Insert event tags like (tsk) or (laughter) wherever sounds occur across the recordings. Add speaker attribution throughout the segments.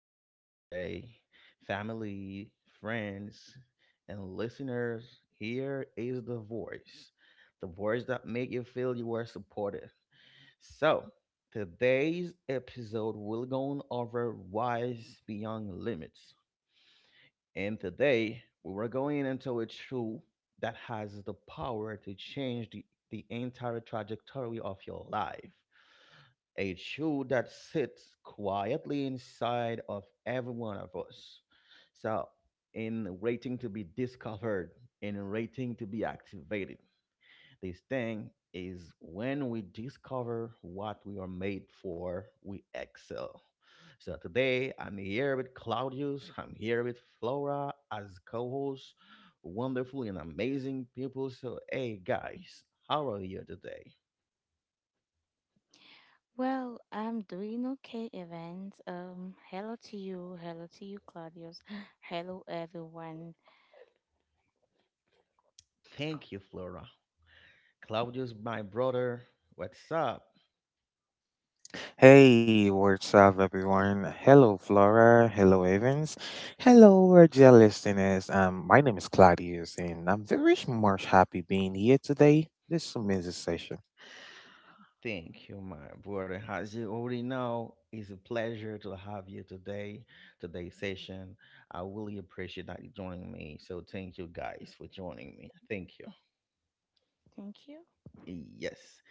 Speaker 1: session today. Family, friends, and listeners, here is the voice. The voice that make you feel you are supported. So, today's episode will go over wise beyond limits. And today, we were going into a truth that has the power to change the entire trajectory of your life. A truth that sits quietly inside of every one of us. So, in waiting to be discovered, in waiting to be activated, this thing is when we discover what we are made for, we excel. So today I'm here with Claudius, I'm here with Flora as co-hosts, wonderful and amazing people. So hey guys, how are you today?
Speaker 2: Well, I'm doing okay, Evans. Hello to you. Hello to you, Claudius. (gasps) Hello, everyone.
Speaker 1: Thank you, Flora. Claudius, my brother, what's up?
Speaker 3: Hey, what's up, everyone? Hello, Flora. Hello, Evans. Hello, our dear listeners. My name is Claudius, and I'm very much happy being here today. This is amazing session.
Speaker 1: Thank you, my brother. As you already know, it's a pleasure to have you today, today's session. I really appreciate that you joining me. So thank you guys for joining me. Thank you.
Speaker 2: Thank you.
Speaker 1: Yes.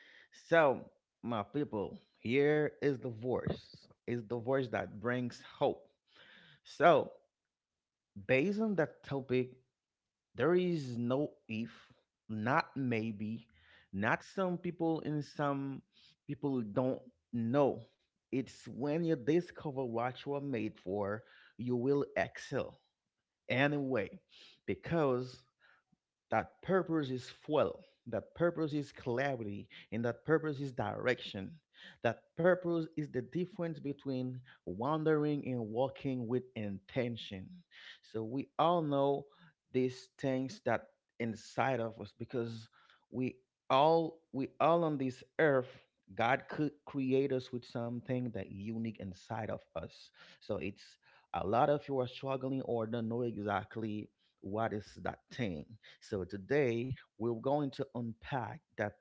Speaker 1: So, my people, here is the voice. Is the voice that brings hope. So, based on that topic, there is no if, not maybe, not some people and some people don't know. It's when you discover what you are made for, you will excel anyway, because that purpose is fuel. That purpose is clarity. And that purpose is direction. That purpose is the difference between wandering and walking with intention. So we all know these things that inside of us because we we all on this earth God could create us with something that unique inside of us. So it's a lot of you are struggling or don't know exactly what is that thing. So today we're going to unpack that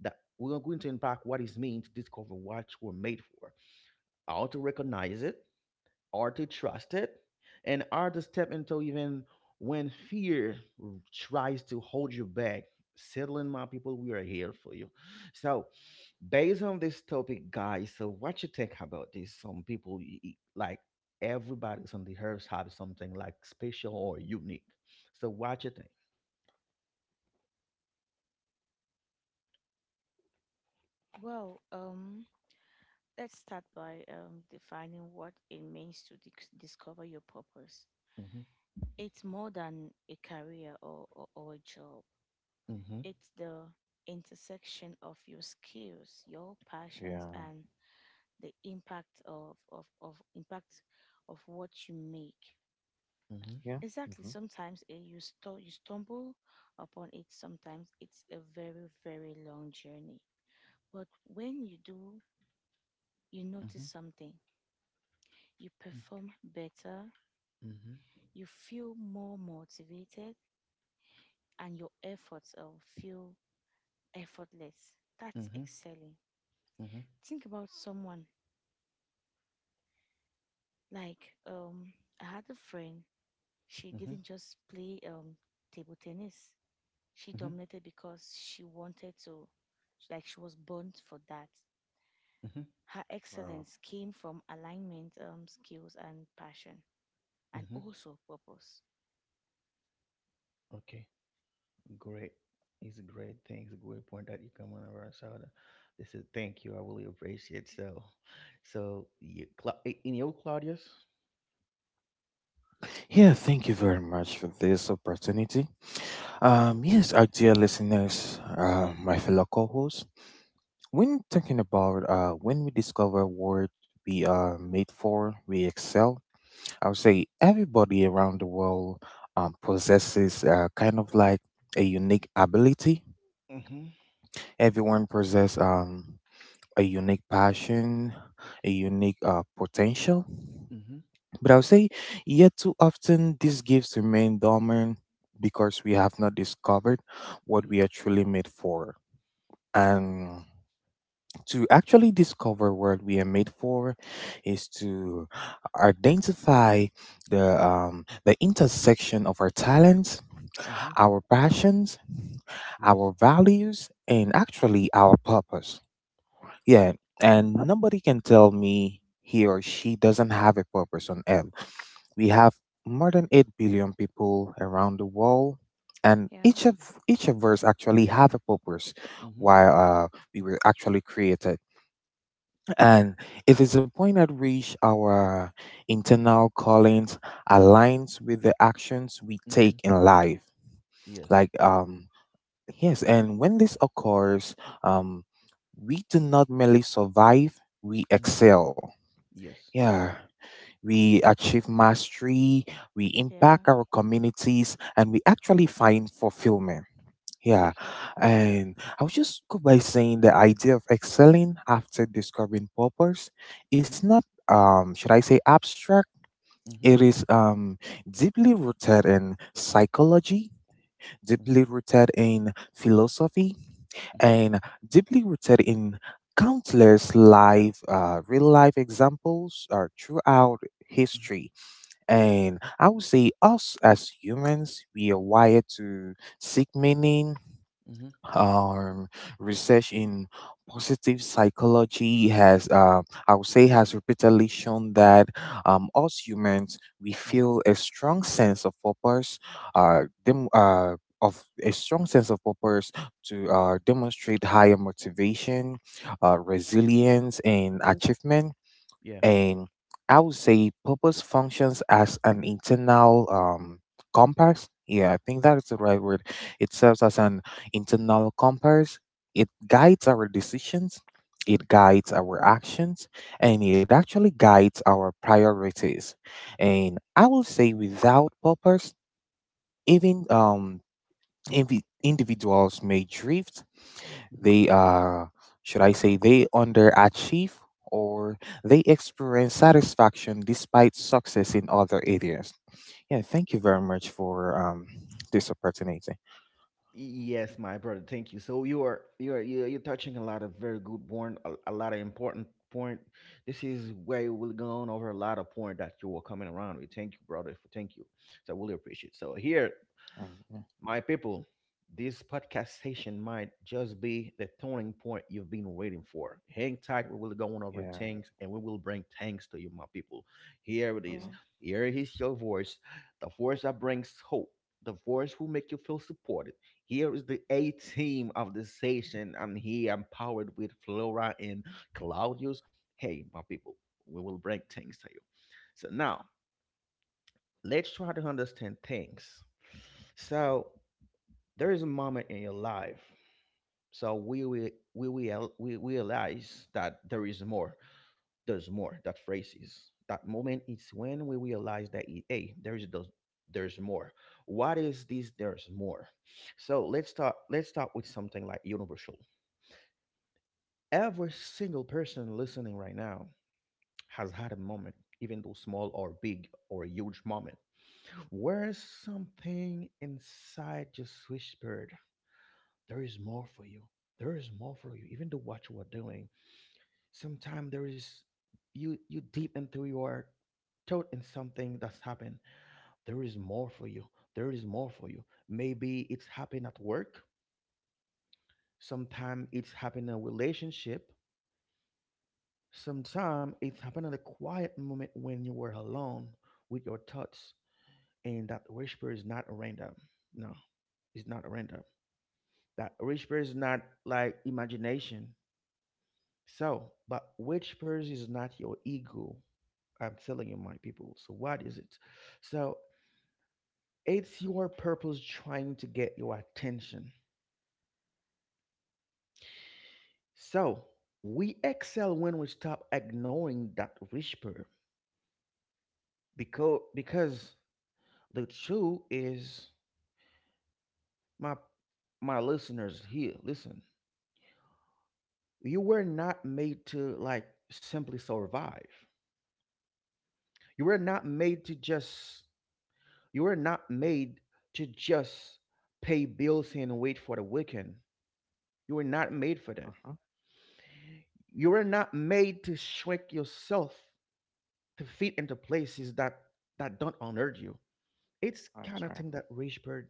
Speaker 1: that we're going to unpack what it means to discover what we're made for, how to recognize it, how to trust it, and how to step into even when fear tries to hold you back. Settling my people, we are here for you. So, based on this topic, guys, so what you think about this? Some people like everybody's on the earth have something like special or unique. So, what you think?
Speaker 2: Well, um, let's start by defining what it means to discover your purpose.
Speaker 1: Mm-hmm.
Speaker 2: It's more than a career or a job,
Speaker 1: Mm-hmm.
Speaker 2: it's the intersection of your skills, your passions,
Speaker 3: Yeah,
Speaker 2: and the impact of what you make.
Speaker 1: Mhm.
Speaker 3: yeah.
Speaker 2: Exactly.
Speaker 3: hmm
Speaker 2: Sometimes you you stumble upon it. Sometimes it's a very long journey. But when you do, you notice
Speaker 1: Mhm.
Speaker 2: something. You
Speaker 1: Mm.
Speaker 2: perform better.
Speaker 1: Mhm.
Speaker 2: You feel more motivated, and your efforts feel effortless. That's
Speaker 1: Mhm.
Speaker 2: excelling.
Speaker 1: Mhm.
Speaker 2: Think about someone like I had a friend. She
Speaker 1: Mhm.
Speaker 2: didn't just play table tennis. She
Speaker 1: Mhm.
Speaker 2: dominated because she wanted to. Like she was born for that.
Speaker 1: Mhm.
Speaker 2: Her
Speaker 3: Wow.
Speaker 2: excellence came from alignment, skills, and passion, and
Speaker 1: Mhm.
Speaker 2: also purpose.
Speaker 1: Okay, great. It's a great thing. It's a great point that you come on around. So the- this is thank you. I really appreciate so. So you, in your Claudius.
Speaker 3: Yeah, thank you very much for this opportunity. Yes, our dear listeners, my fellow co-hosts, when talking about when we discover what we are made for, we excel. I would say everybody around the world possesses kind of like a unique ability.
Speaker 1: Mm-hmm.
Speaker 3: Everyone possesses a unique passion, a unique potential.
Speaker 1: Mm-hmm.
Speaker 3: But I would say, yet too often, these gifts remain dormant because we have not discovered what
Speaker 1: Mm-hmm.
Speaker 3: we are truly made for. And to actually discover what we are made for is to identify the intersection of our talents,
Speaker 1: Mm-hmm.
Speaker 3: our passions, our
Speaker 1: Yes.
Speaker 3: values, and actually our purpose. Yeah. And nobody can tell me he or she doesn't have a purpose on earth. We have more than 8 billion people around the world, and
Speaker 2: Yeah,
Speaker 3: each of us actually have a purpose
Speaker 1: Mm-hmm.
Speaker 3: why we were actually created. And it is a point at which our internal callings aligns with the actions we take
Speaker 1: Mm-hmm.
Speaker 3: in life.
Speaker 1: Yes.
Speaker 3: Like, yes, and when this occurs, um, we do not merely survive, we
Speaker 1: Mm-hmm.
Speaker 3: excel.
Speaker 1: Yes.
Speaker 3: Yeah, we achieve mastery, we
Speaker 2: yeah,
Speaker 3: impact our communities, and we actually find fulfillment. Yeah,
Speaker 1: Yes.
Speaker 2: okay,
Speaker 3: and I'll just go by saying the idea of excelling after discovering purpose
Speaker 1: Mm-hmm.
Speaker 3: is not, should I say, abstract.
Speaker 1: Mm-hmm.
Speaker 3: It is deeply rooted in psychology,
Speaker 1: Mm-hmm.
Speaker 3: deeply rooted in philosophy,
Speaker 1: Mm-hmm.
Speaker 3: and deeply rooted in countless real life examples throughout history. And I would say, us as humans, we are wired to seek meaning.
Speaker 1: Mm-hmm.
Speaker 3: um, Research in positive psychology has, I would say, has repeatedly shown that us humans we
Speaker 1: Mm-hmm.
Speaker 3: feel a strong sense of purpose, uh, dem- uh, of a strong sense of purpose to demonstrate higher motivation, resilience, and
Speaker 1: Mm-hmm.
Speaker 3: achievement.
Speaker 1: Yeah.
Speaker 3: And I would say purpose functions as an internal compass. Yeah, I think that is the right word. It serves as an internal compass. It guides our decisions, it guides our actions, and it actually guides our priorities. And I will say, without purpose, even individuals may drift.
Speaker 1: Mhm.
Speaker 3: They Should I say they underachieve, or they experience satisfaction despite success in other areas. Yeah, thank you very much for this opportunity.
Speaker 1: Yes, my brother. Thank you. So you are you're touching a lot of very good point, a lot of important point. This is where we will go over a lot of point that you were coming around with. Thank you, brother. For thank you. So I really appreciate.
Speaker 3: Um,
Speaker 1: So
Speaker 3: Yeah.
Speaker 1: here my people, this podcast session might just be the turning point you've been waiting for. Hang tight, we will go on over
Speaker 3: yeah.
Speaker 1: things and we will bring things to you, my people. Here it is.
Speaker 3: Mm-hmm.
Speaker 2: yeah,
Speaker 1: Here is your voice, the voice that brings hope, the voice who make you feel supported. Here is the A team of the session. I'm here, I'm powered with Flora and Claudius. Hey, my people, we will bring things to you. So now, let's try to understand things. So there is a moment in your life, so we will we realize that there is more, there's more. That phrase is that moment is when we realize that, hey, there is those, there's more. What is this there's more? So let's start with something like universal. Every single person listening right now has had a moment, even though small or big or a huge moment, where something inside just whispered, there is more for you. There is more for you. Even to what you are doing. Sometimes there is, you deep into your thought in something that's happened. There is more for you. There is more for you. Maybe it's happened at work. Sometimes it's happened in a relationship. Sometimes it's happened in a quiet moment when you were alone with your thoughts. And that whisper is not random. No, it's not random. That whisper is not like imagination. So, but which person is not your ego? I'm telling you, my people. So, what is it? So, it's your purpose trying to get your attention. So, we excel when we stop ignoring that whisper, because the truth is, my my listeners here, listen, you were not made to like simply survive. You were not made to just, you were not made to just pay bills and wait for the weekend. You were not made for that. You were not made to shrink yourself to fit into places that don't honor you. It's kind of thing that rich bird,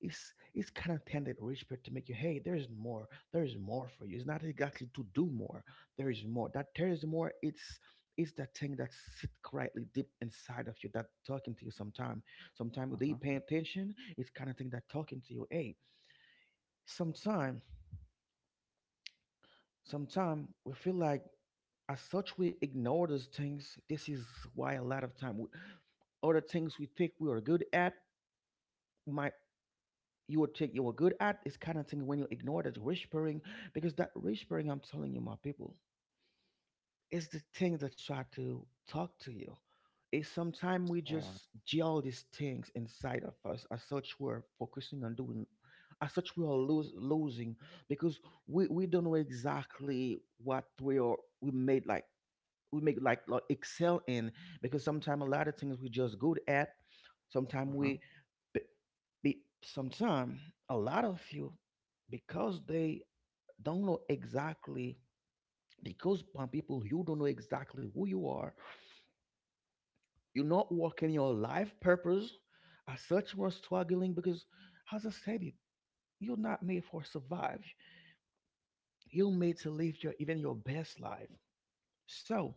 Speaker 1: it's kind of tended rich people to make you, hey, there's more, there's more for you. It's not exactly to do more. There is more that there is more. It's that thing that sits quietly deep inside of you that talking to you sometime, sometime without you paying attention. It's kind of thing that talking to you, hey, sometime, sometime we feel like as such we ignore those things. This is why a lot of time other things we think we are good at might, you would take you were good at, is kind of thing when you ignore that whispering. Because that whispering, I'm telling you my people, is the thing that try to talk to you, is sometimes we just gel these things inside of us, as such we're focusing on doing, as such we are losing because we don't know exactly what we are, we made like, we make like excel in, because sometimes a lot of things we just good at. Sometimes we be, be sometimes a lot of you because they don't know exactly, because some people you don't know exactly who you are. You're not working your life purpose. As such, we're struggling because, as I said it, you're not made for survive. You're made to live your even your best life. So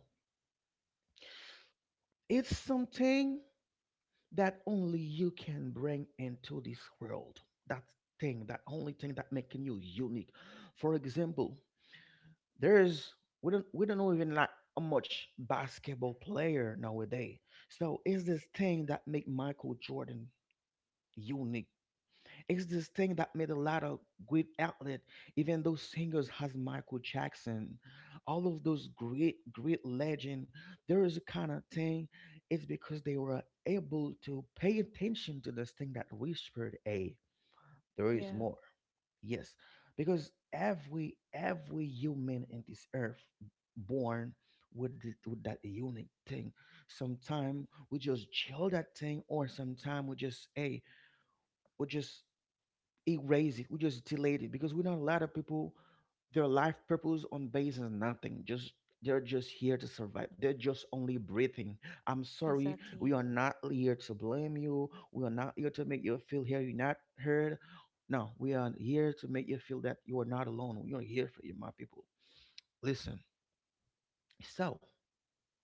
Speaker 1: it's something that only you can bring into this world. That thing, that only thing that making you unique. For example, there's we don't know even like how much basketball player nowadays. So is this thing that make Michael Jordan unique? It's this thing that made a lot of great outlet, even those singers as Michael Jackson, all of those great legend. There is a kind of thing. It's because they were able to pay attention to this thing that whispered, "Hey, there is
Speaker 2: yeah,
Speaker 1: more." Yes, because every human in this earth born with this, with that unique thing. Sometimes we just chill that thing, or sometimes we just, hey, we just erase it. We just delete it because we know a lot of people their life purpose on base is nothing. Just they're just here to survive. They're just only breathing. I'm sorry. We
Speaker 2: exactly.
Speaker 1: are not here to blame you. We are not here to make you feel here you're not heard. No, we are here to make you feel that you are not alone. We are here for you, my people. Listen. So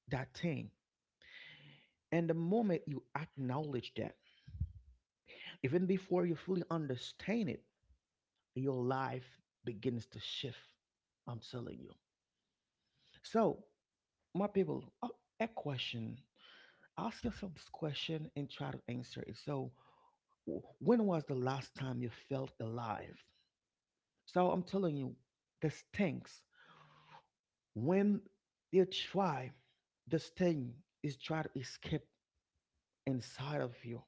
Speaker 1: that thing. And the moment you acknowledge that, even before you fully understand it, your life begins to shift. I'm telling you. So, my people, a question. Ask yourself this question and try to answer it. So, when was the last time you felt alive? So, I'm telling you, this stinks. When you try, this thing is try to escape inside of you.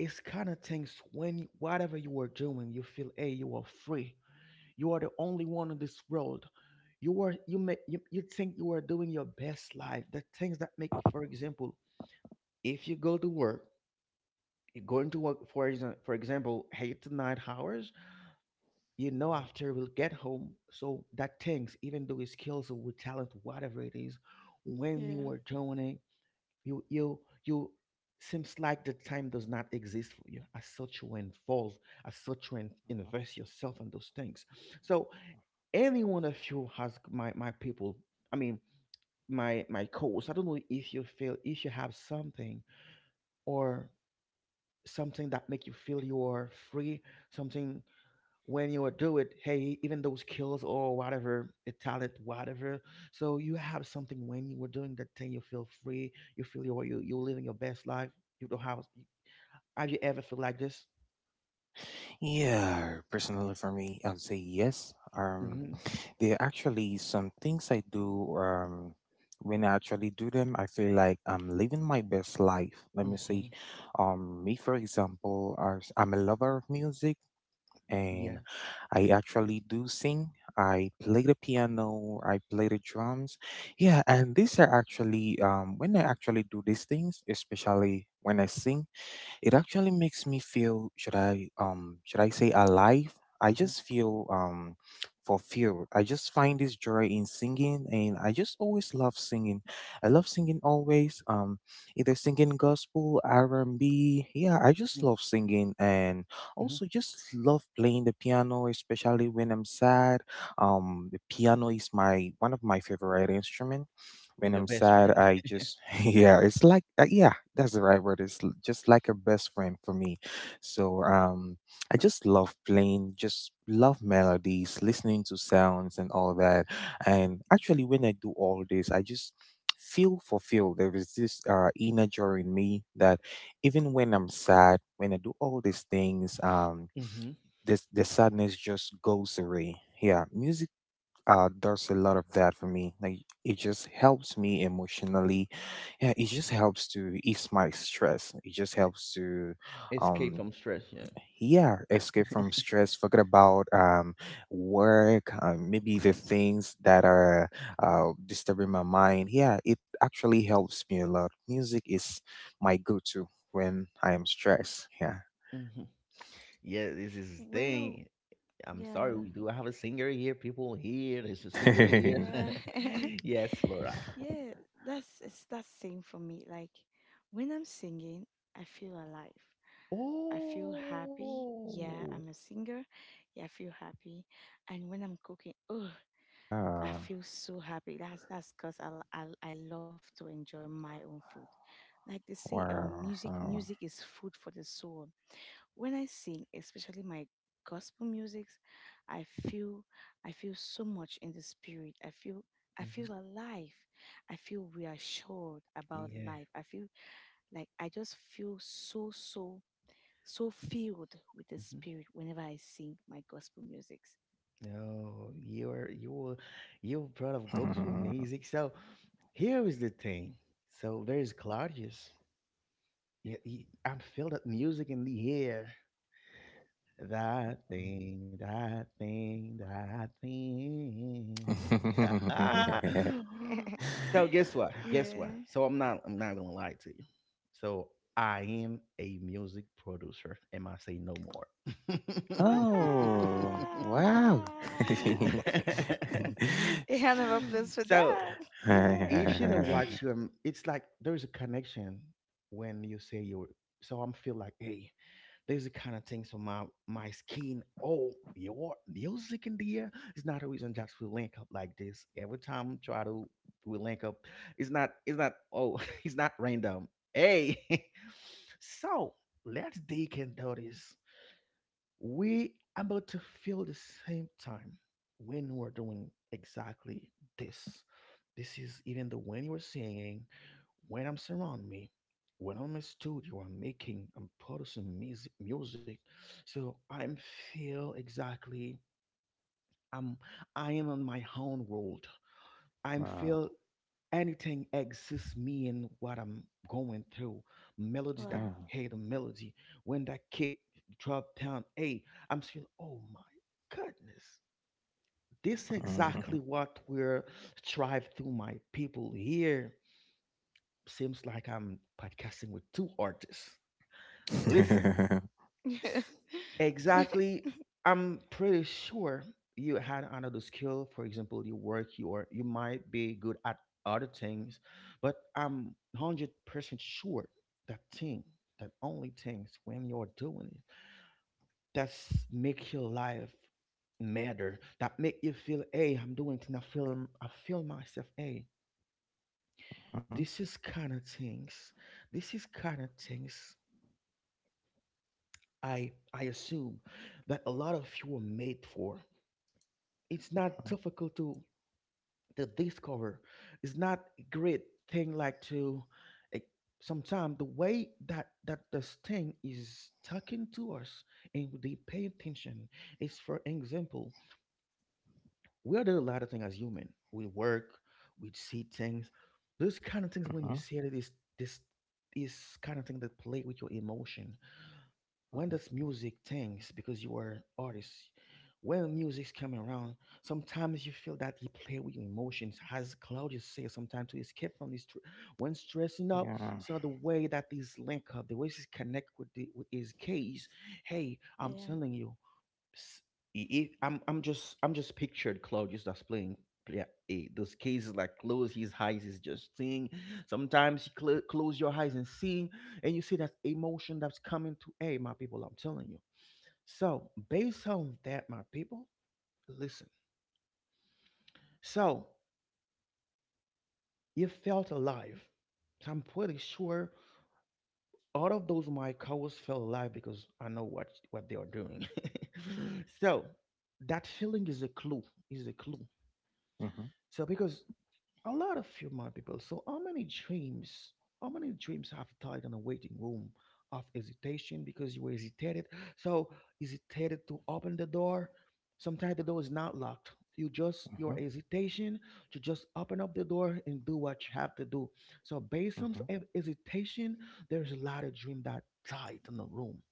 Speaker 1: It's kind of things when whatever you are doing, you feel, hey, you are free. You are the only one in this world. You are, you may you, you think you are doing your best life, the things that make, for example, if you go to work, you're going to work for for example 8 to 9 hours. You know, after we'll get home, so that things, even though it's skills or with talent, whatever it is, when
Speaker 2: Yeah.
Speaker 1: you are doing it, you seems like the time does not exist for you. As such, you involve, as such, you invest yourself in those things. So, any one of you has my my people. I mean, my coach. I don't know if you feel if you have something or something that make you feel you are free, something when you are do it, hey, even those skills or whatever a talent whatever, so you have something when you were doing that thing you feel free, you feel you're you're living your best life, you don't have you ever feel like this? Mm-hmm. Mm-hmm. Yeah. Mm-hmm. Mm-hmm. Mm-hmm. Your best friend. (laughs) Mm-hmm. Escape from stress, yeah. (laughs) Mhm. Yeah, this is the
Speaker 2: Well,
Speaker 1: thing. I'm sorry,
Speaker 2: yeah,
Speaker 1: we do have a singer here, people here. There's a singer here.
Speaker 2: yeah,
Speaker 1: (laughs)
Speaker 2: (laughs)
Speaker 1: Yes, Laura.
Speaker 2: yeah. That's it's that same for me. Like when I'm singing, I feel alive. I feel happy. Yeah,
Speaker 1: Oh,
Speaker 2: I'm a singer. Yeah, I feel happy. And when I'm cooking, oh, I feel so happy. That's because I love to enjoy my own food. Like they say, music is food for the soul. When I sing, especially my gospel music, I feel I feel so much in the spirit. I
Speaker 1: mhm,
Speaker 2: feel alive. I feel reassured about
Speaker 1: yeah,
Speaker 2: life. I feel like I just feel so filled with the
Speaker 1: mm-hmm.
Speaker 2: spirit whenever I sing my gospel music.
Speaker 1: No, you are you were you brought up gospel music. So here is the thing. So there is Claudius. Yeah, he, I feel that music in the air. That thing, that thing, that thing. (laughs) So guess
Speaker 2: (laughs)
Speaker 1: what? Guess what?
Speaker 2: Yeah.
Speaker 1: So I'm not gonna lie to you. So I am a music producer, and I say no more.
Speaker 2: Wow!
Speaker 1: (laughs)
Speaker 2: (laughs) A hand of applause
Speaker 1: (laughs)
Speaker 2: for
Speaker 1: So
Speaker 2: that. Yay!
Speaker 1: if you know watch
Speaker 2: (laughs)
Speaker 1: them, it's like there's a connection when you say you're. So I'm feel like, hey, there's a kind of thing. So my skin, oh, your music in the air. It's not a reason just we link up like this every time. Try to we link up. It's not. It's not. Oh, (laughs) it's not random. Hey, (laughs) so let's dig into this we about to feel the same time when we're doing exactly this. This is even the when you're singing, when I'm surrounding me, when I'm in my studio, I'm making, I'm producing music, music. So I'm feel exactly I'm I am on my own world. I'm feel anything exists me in what I'm going through. Melody that
Speaker 2: Wow.
Speaker 1: hey the melody when that kick drop down, hey, I'm feel oh my goodness. This exactly what we're strive to my people here. Seems like I'm podcasting with two artists. Listen,
Speaker 2: (laughs) Yeah. (laughs)
Speaker 1: exactly. I'm pretty sure you had another skill. For example, you work, you are, you might be good at other things, but I'm 100% sure that thing, that only things when you're doing it, that's make your life matter. That make you feel, hey, I'm doing thing. I feel myself. Hey, this is kind of things. This is kind of things. I assume that a lot of you were made for. It's not difficult to discover. It's not a great thing like to sometimes the way that this thing is talking to us and they pay attention is for example we are doing a lot of things as human we work we see things those kind of things when you see it, this this kind of thing that play with your emotion when this music things because you are artist when music's coming around sometimes you feel that he play with your emotions as Claudius says sometimes to escape from this when stressing up so the way that these link up the way she's connect with the with his case hey I'm
Speaker 2: Yeah.
Speaker 1: telling you s- I'm just I'm just pictured Claude just as playing yeah eh, those cases like close his eyes is just seeing sometimes you close your eyes and seeing and you see that emotion that's coming to hey my people I'm telling you so based on that my people listen so you felt alive so I'm pretty sure all of those my cows felt alive because I know what they are doing. (laughs) So that feeling is a clue, is a clue. So because a lot of human people. So, how many dreams have died in a waiting room of hesitation because you were hesitated? So, hesitated to open the door. Sometimes the door is not locked. You just your hesitation to just open up the door and do what you have to do. So, based on hesitation, there's a lot of dream that died in the room.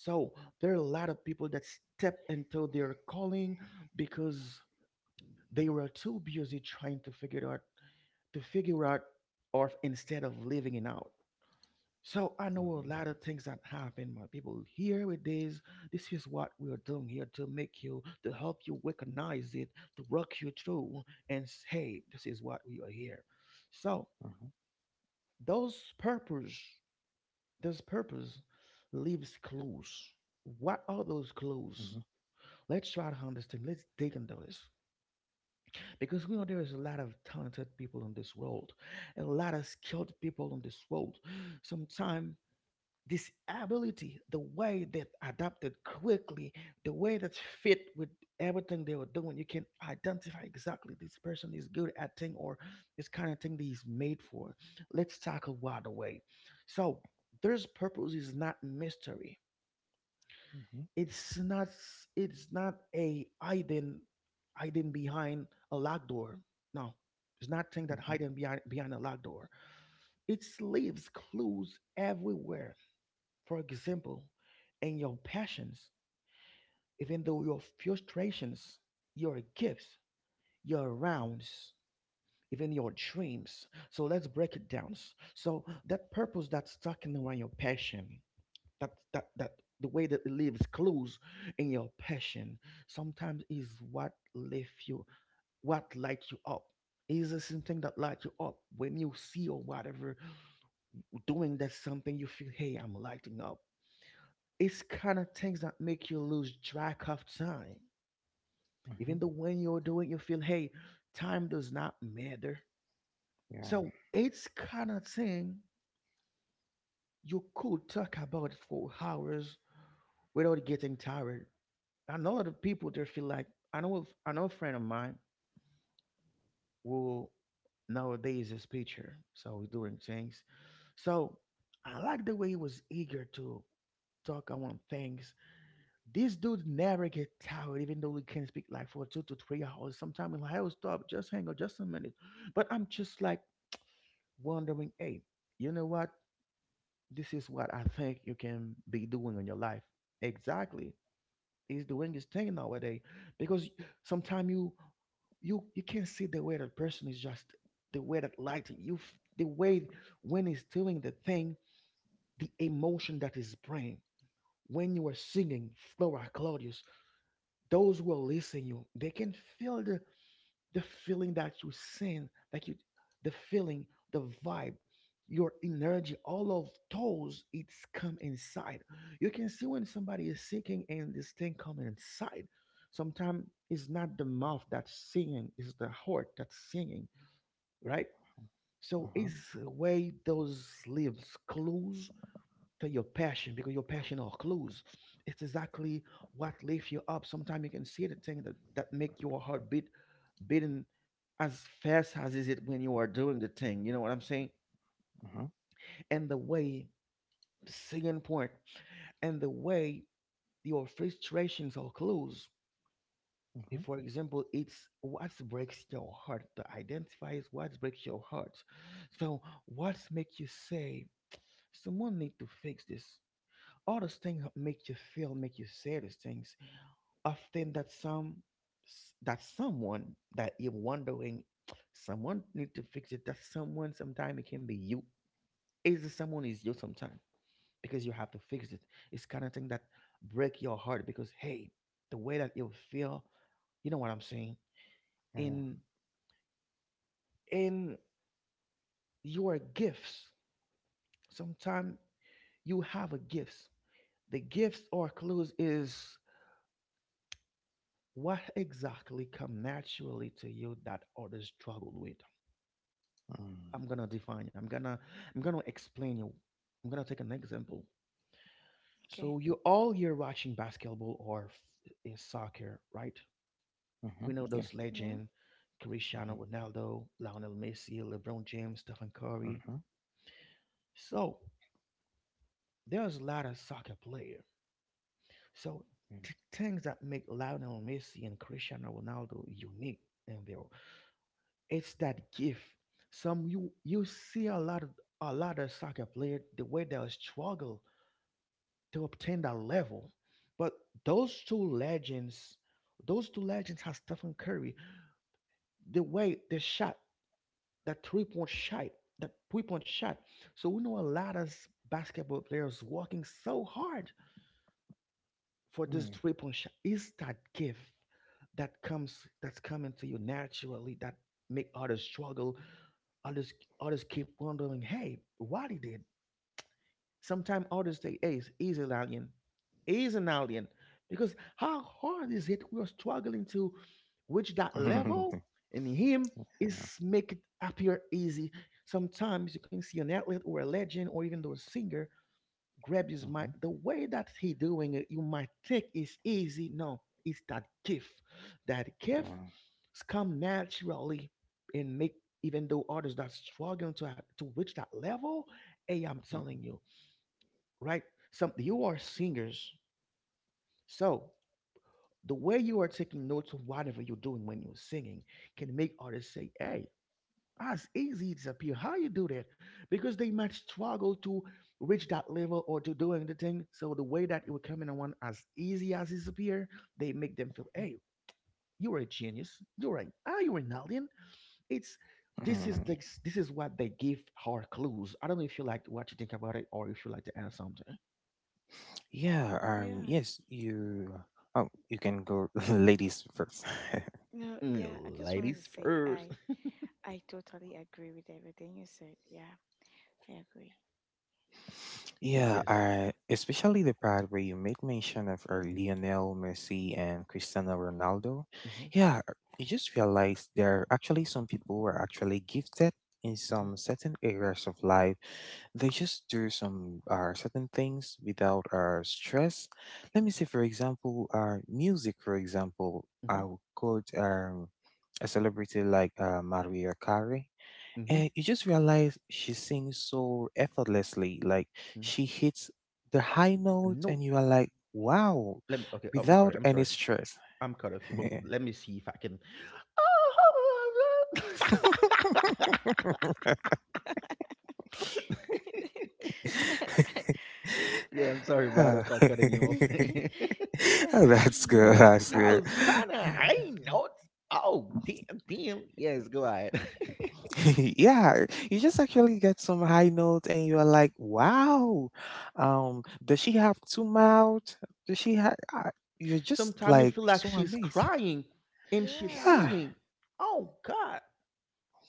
Speaker 1: So, there are a lot of people that step into their calling because they were too busy trying to figure it out to figure out or instead of living it out. So I know a lot of things that happen, my people. Here it is. This is what we are doing here to make you, to help you recognize it, to rock you through, and say, this is what we are here. So those purpose, those purpose leaves clues. What are those clues? Let's try to understand. Let's dig into this. Because we know there is a lot of talented people in this world, a lot of skilled people in this world. Sometimes this ability, the way that adapted quickly, the way that's fit with everything they were doing, you can identify exactly this person is good at thing or this kind of thing that he's made for. Let's tackle right away. So there's purpose is not mystery. It's not s- it's not a hiding hiding behind a locked door. No. It's not thing that hiding behind a locked door. It leaves clues everywhere. For example, in your passions, even though your frustrations, your gifts, your rounds, even your dreams. So let's break it down. So that purpose that's stuck in around your passion, that that the way that it leaves clues in your passion sometimes is what lift you, what light you up. Is there something that light you up when you see or whatever doing that something you feel hey I'm lighting up? It's kind of things that make you lose track of time, even though when you're doing you feel hey time does not matter. So it's kind of thing you could talk about for hours without getting tired. I know other people there feel like I know if, I know a friend of mine who nowadays is preacher, so he's doing things. So I like the way he was eager to talk about things. This dude never get tired, even though he can speak like for 2 to 3 hours. Sometimes like, I'll stop, just hang on, just a minute. But I'm just like wondering, hey, you know what? This is what I think you can be doing in your life. Exactly. Is doing his thing nowadays because sometimes you can't see the way that person is just the way that light you the way when he's doing the thing the emotion that is bringing when you are singing Flora, Claudius, those who are listening you they can feel the feeling that you send, like you, the feeling, the vibe, your energy, all of those, it's come inside. You can see when somebody is seeking and this thing come inside. Sometimes it's not the mouth that's singing, it's the heart that's singing, right? So it's the way those leaves clues to your passion because your passion are clues. It's exactly what lifts you up. Sometimes you can see the thing that, that make your heart beat beating as fast as is it when you are doing the thing. You know what I'm saying? And the way second point, and the way your frustrations or clues. If, for example, it's what breaks your heart, the identify is what breaks your heart. So, what make you say someone need to fix this? All those things that make you feel, make you say these things. Often that that someone that you're wondering someone need to fix it that someone sometimes it can be you is the someone is you sometimes because you have to fix it. It's kind of thing that break your heart because hey the way that you feel. You know what I'm saying? in in your gifts sometimes you have a gifts. The gifts or clues is what exactly come naturally to you that others struggle with. I'm gonna define. I'm gonna explain you. I'm gonna take an example.
Speaker 2: Okay.
Speaker 1: So you all here watching basketball or soccer, right? We know those
Speaker 2: Yeah.
Speaker 1: legend, Cristiano Ronaldo, Lionel Messi, LeBron James, Stephen Curry. So there's a lot of soccer player. So things that make Lionel Messi and Cristiano Ronaldo unique in there, it's that gift. Some you you see a lot of soccer player the way they struggle to obtain that level. But those two legends, those two legends have Stephen Curry, the way they shot, that three point shot, that three point shot. So we know a lot of basketball players working so hard for this three point shot. Is that gift that comes that's coming to you naturally that make others struggle? Others others keep wondering, hey, what he did. Sometimes others say, hey, he's an alien. He's an alien. Because how hard is it we're struggling to reach that level? And him is make it appear easy. Sometimes you can see an athlete or a legend or even though a singer grab his mic. The way that he doing it, you might think is easy. No, it's that gift. That gift come naturally and make even though others that struggling to reach that level, hey, I'm telling you, right? Some you are singers, so the way you are taking notes of whatever you're doing when you're singing can make others say, "Hey, as easy as appear. How you do that?" Because they might struggle to reach that level or to doing the thing. So the way that it will come in on as easy as it appear, they make them feel, "Hey, you're a genius. You're an you're an alien." It's this is the, This is what they give her clues. I don't know if you like what you think about it or if you like to add something.
Speaker 2: Yeah. No. Yeah. I
Speaker 1: Mm,
Speaker 2: just wanted to
Speaker 1: ladies
Speaker 2: say
Speaker 1: first.
Speaker 2: I totally agree with everything you said. Yeah. I agree.
Speaker 1: Yes. Mm-hmm. Mm-hmm. Mm-hmm. Mm-hmm. No, let me. Okay. Oh, I'm sorry. I'm sorry. I'm cut off you, but let me see if I can. (laughs)
Speaker 2: (laughs)
Speaker 1: Yeah,
Speaker 2: Oh
Speaker 1: I'm sorry, brother, for
Speaker 2: god.
Speaker 1: cutting you up.
Speaker 2: (laughs)
Speaker 1: (laughs)
Speaker 2: Yeah.
Speaker 1: Mm, that
Speaker 2: Yeah.
Speaker 1: was kind of high notes. Oh, damn, damn. Yes, go ahead. (laughs) Sometimes you feel like she's crying and she's
Speaker 2: Yeah.
Speaker 1: singing. Oh, God.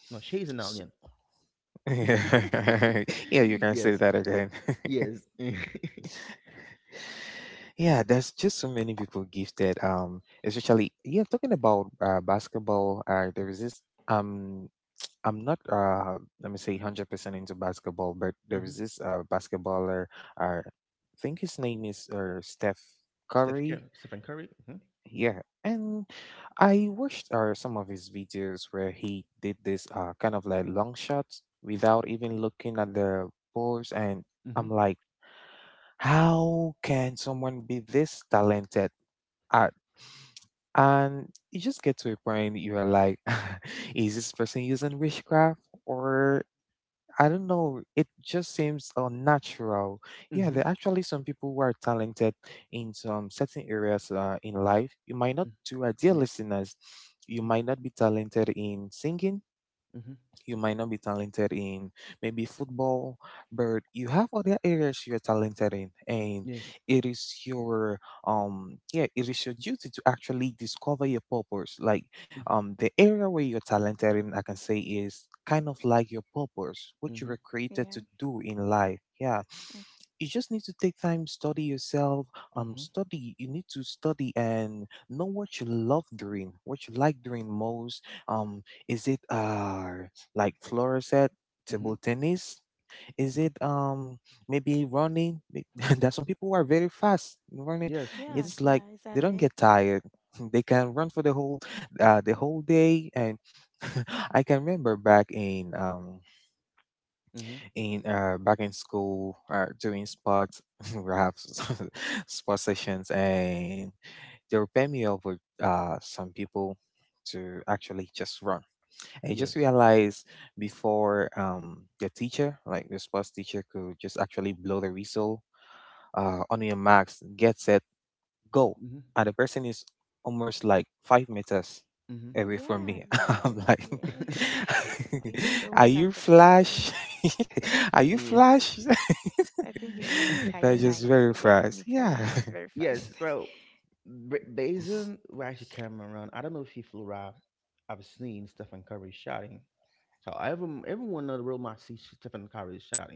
Speaker 1: No, she's an alien. (gasps) (laughs) Yes, yes. (laughs) Mhm. Steph Curry. Stephen Curry. Mhm. Mhm. Mhm. Mm. Yeah. Mhm. Mhm. Yes. Mhm. Mhm.
Speaker 2: Yeah. Mm.
Speaker 1: Mhm. Mhm. Mhm. Yes.
Speaker 2: Yeah.
Speaker 1: Mhm.
Speaker 2: Yeah. Exactly.
Speaker 1: Mhm. Yes. Mhm. Mhm.
Speaker 2: Yeah. Yes. Yes. (laughs)
Speaker 1: (laughs)
Speaker 2: I think we always have that person.
Speaker 1: Yeah.
Speaker 2: I think it should be Mikaya
Speaker 1: (laughs)
Speaker 2: Knight. Yeah, Mikaya Knight. Very
Speaker 1: Yes.
Speaker 2: fast.
Speaker 1: So, based on where she came around, I don't know if you feel right. I've seen Stephen Curry shouting. So everyone in the room, I see Stephen Curry shouting.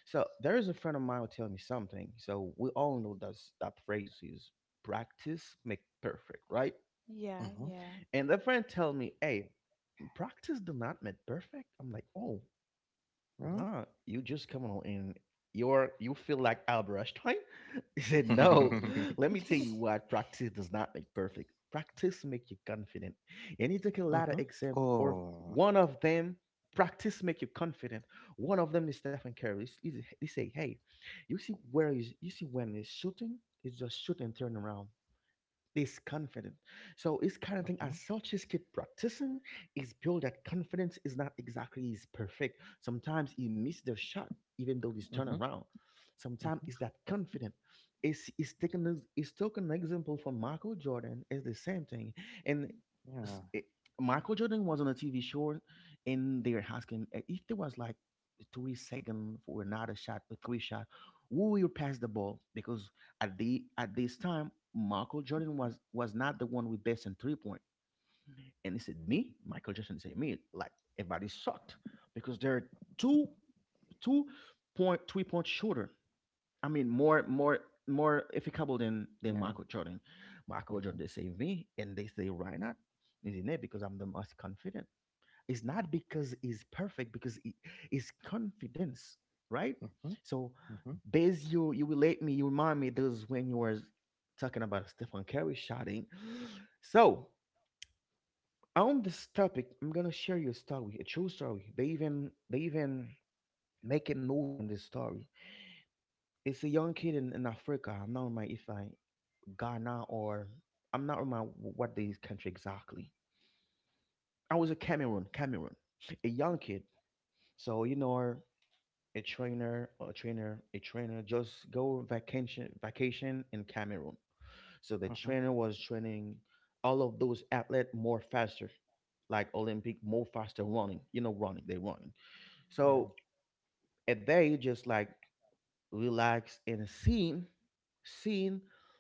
Speaker 1: So there is a friend of mine who tell me something. So we all know that that phrase is practice make perfect, right?
Speaker 2: (laughs) Yeah. Yeah.
Speaker 1: And that friend tell me, hey, practice do not make perfect. I'm like, oh, nah, you just coming on and you feel like Albert Einstein? (laughs) He said, no, let me tell you
Speaker 2: (laughs)
Speaker 1: what practice does not make perfect. Practice make you confident. And he took a lot of example for one of them. Practice make you confident. One of them is Stephen Curry. He say, hey, you see where is you see when he's shooting, he's just shooting turn around is confident. So it's kind of thing as such is keep practicing, is build that confidence is not exactly is perfect. Sometimes he miss the shot, even though he's turned around. Sometimes it's that confident. It's taken it's taken an example from Michael Jordan is the same thing. And s- it- Michael Jordan was on a TV show and they were asking if there was like 3 second for another shot, a three shot, who will pass the ball? Because at this time, Michael Jordan was not the one with best in three point. And he said, "Me, Michael Jordan said me." Like everybody sucked because there are two two point three point shooter. I mean, more efficable than Michael Jordan. Michael Jordan they say me, and they say why not? Isn't it because I'm the most confident? It's not because he's perfect, because it is confidence, right? So, Bez, you relate me, you remind me. This is when you were talking about Stephen Curry shouting. So on this topic, I'm gonna share you a story, a true story. They even make a movie on this story. It's a young kid in Africa. I'm not my if I Ghana or I'm not remember what the country exactly. I was a Cameroon, a young kid. So you know, a trainer just go vacation in Cameroon. So the trainer was training all of those athlete more faster, like Olympic more faster running, you know, running they running. So and they just like relax and seeing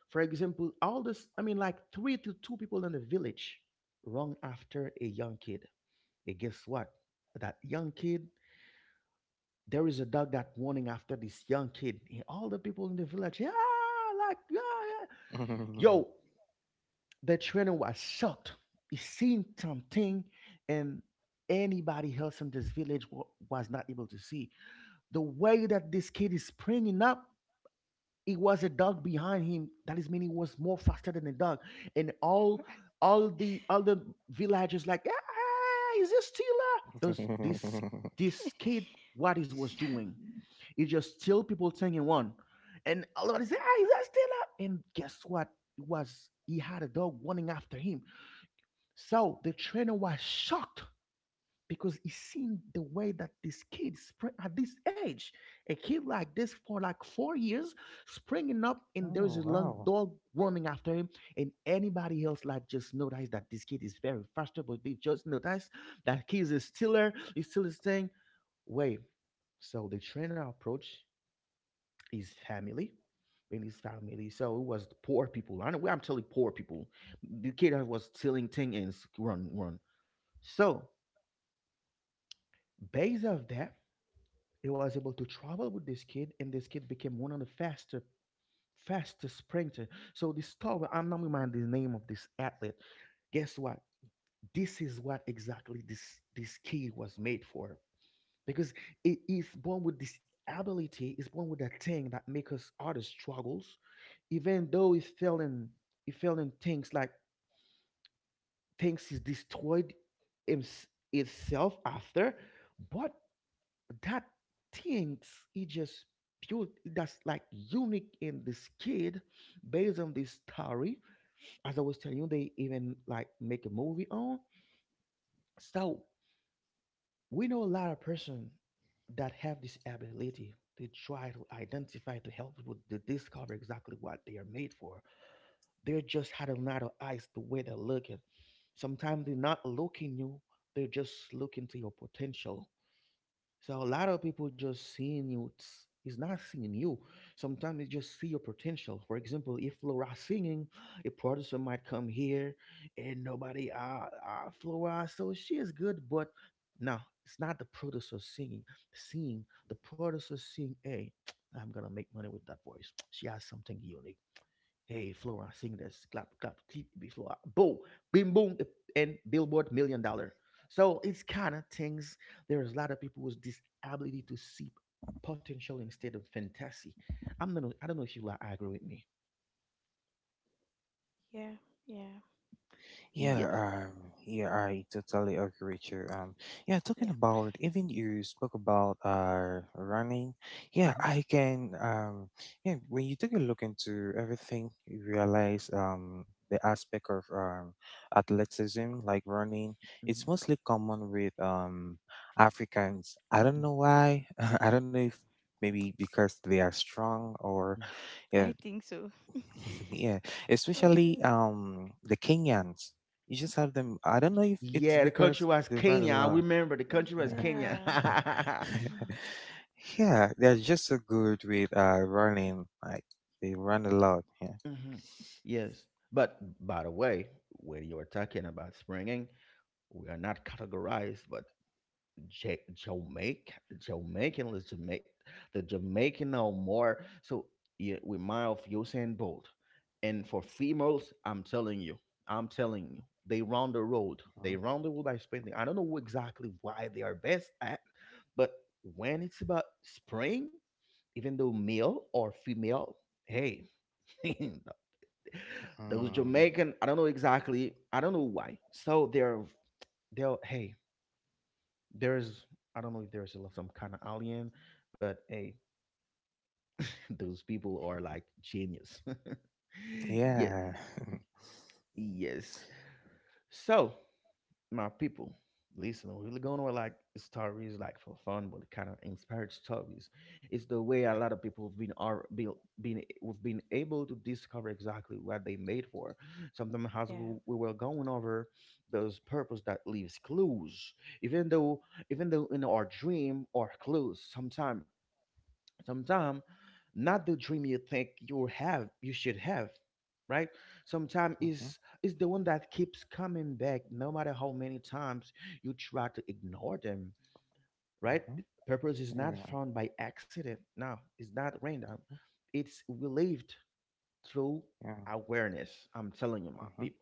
Speaker 1: for example all this, I mean, like three to two people in the village run after a young kid, and guess what, that young kid. There is a dog that running after this young kid. And all the people in the village, yeah, like, yeah, yeah. Yo, the trainer was shocked. He seen something and anybody else in this village was not able to see. The way that this kid is springing up, it was a dog behind him. That is meaning he was more faster than the dog. And all the villagers like, ah, is this Tila? Those this this kid what he was doing. It's just still people singing one. And a lot of say, ah, is that Stella? And guess what? It was he had a dog running after him. So the trainer was shocked because he seen the way that this kid spring at this age, a kid like this for like 4 years, springing up and there's a long dog running after him, and anybody else like just notice that this kid is very faster, but they just notice that kid is a stealer, he still is thing. Wait. So the trainer approached his family in his family. So it was the poor people. I know well, I'm telling poor people. The kid that was stealing things and run, run. So based of that, he was able to travel with this kid, and this kid became one of the fastest sprinter. So this story, I'm not reminding the name of this athlete. Guess what? This is what exactly this kid was made for, because it is born with this ability, is born with that thing that makes us other struggles, even though it's feeling, it feeling things like things is destroyed itself after, but that things it just pure, that's like unique in this kid. Based on this story, as I was telling you, they even like make a movie on. So we know a lot of person that have this ability to try to identify, to help people to discover exactly what they are made for. They're just had a lot of eyes the way they're looking. Sometimes they're not looking you, they're just looking to your potential. So a lot of people just seeing you. It's not seeing you. Sometimes they just see your potential. For example, if Flora singing, a producer might come here and nobody, ah, ah Flora, so she is good, but no, it's not the producer singing. Seeing the producer seeing, hey, (tsk) I'm gonna make money with that voice. (tsk) She has something unique. Hey, Flora, sing this. Clap, clap, keep it before. Boom, bim, boom, eh, and Billboard Million Dollar. So it's kind of things. There's a lot of people with this ability to see potential instead of fantasy. I'm not. I don't know if you are agree with me.
Speaker 2: Yeah. Yeah.
Speaker 1: Yes.
Speaker 2: Yeah.
Speaker 1: Hmm. Hmm.
Speaker 2: I think so. (laughs) Uh,
Speaker 1: Yeah, the country was Kenya. I remember the country was Kenya.
Speaker 2: yeah.
Speaker 1: (laughs) Mhm. Yes. But by the way, when you are talking about springing, we are not categorized, but Jamaica, Jamaican, the Jamaic, the Jamaican or more. So yeah, with Miles, you're saying bold. And for females, I'm telling you, they round the road. They round the road by spending. I don't know exactly why they are best at, but when it's about spring, even though male or female, hey, (laughs) those Jamaican, I don't know exactly, I don't know why. So they're they'll hey there is I don't know if there's some kind of alien, but hey, (laughs) those people are like genius. (laughs) Yes, yes. So my people, listen, we're really going with like stories like for fun, but kind of inspired stories. It's the way a lot of people have been are been eh, we've been able to discover exactly what they made for. Sometimes as
Speaker 2: Yeah.
Speaker 1: we were going over those purpose that leaves clues, even though even though in our dream or clues sometimes. Sometimes not the dream you think you have you should have, right? Sometimes is the one that keeps coming back no matter how many times you try to ignore them, right? Purpose is not found by accident. No, it's not random. It's relieved through awareness. I'm telling you, my people.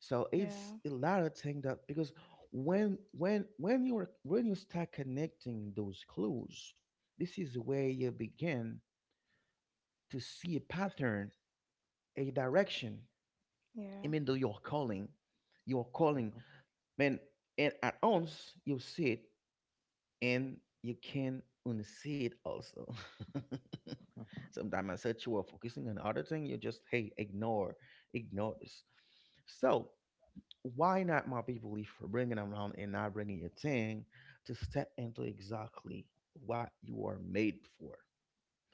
Speaker 1: So it's
Speaker 2: Yeah.
Speaker 1: a lot of things that because when you are when you start connecting those clues, this is where you begin to see a pattern, a direction,
Speaker 2: Yeah.
Speaker 1: even though you're calling, man, and at once you see it and you can unsee it also. (laughs) Sometimes I said you are focusing on other thing, you just hey, ignore this. So why not my people if we're bringing around and not bringing your thing to step into exactly what you are made for?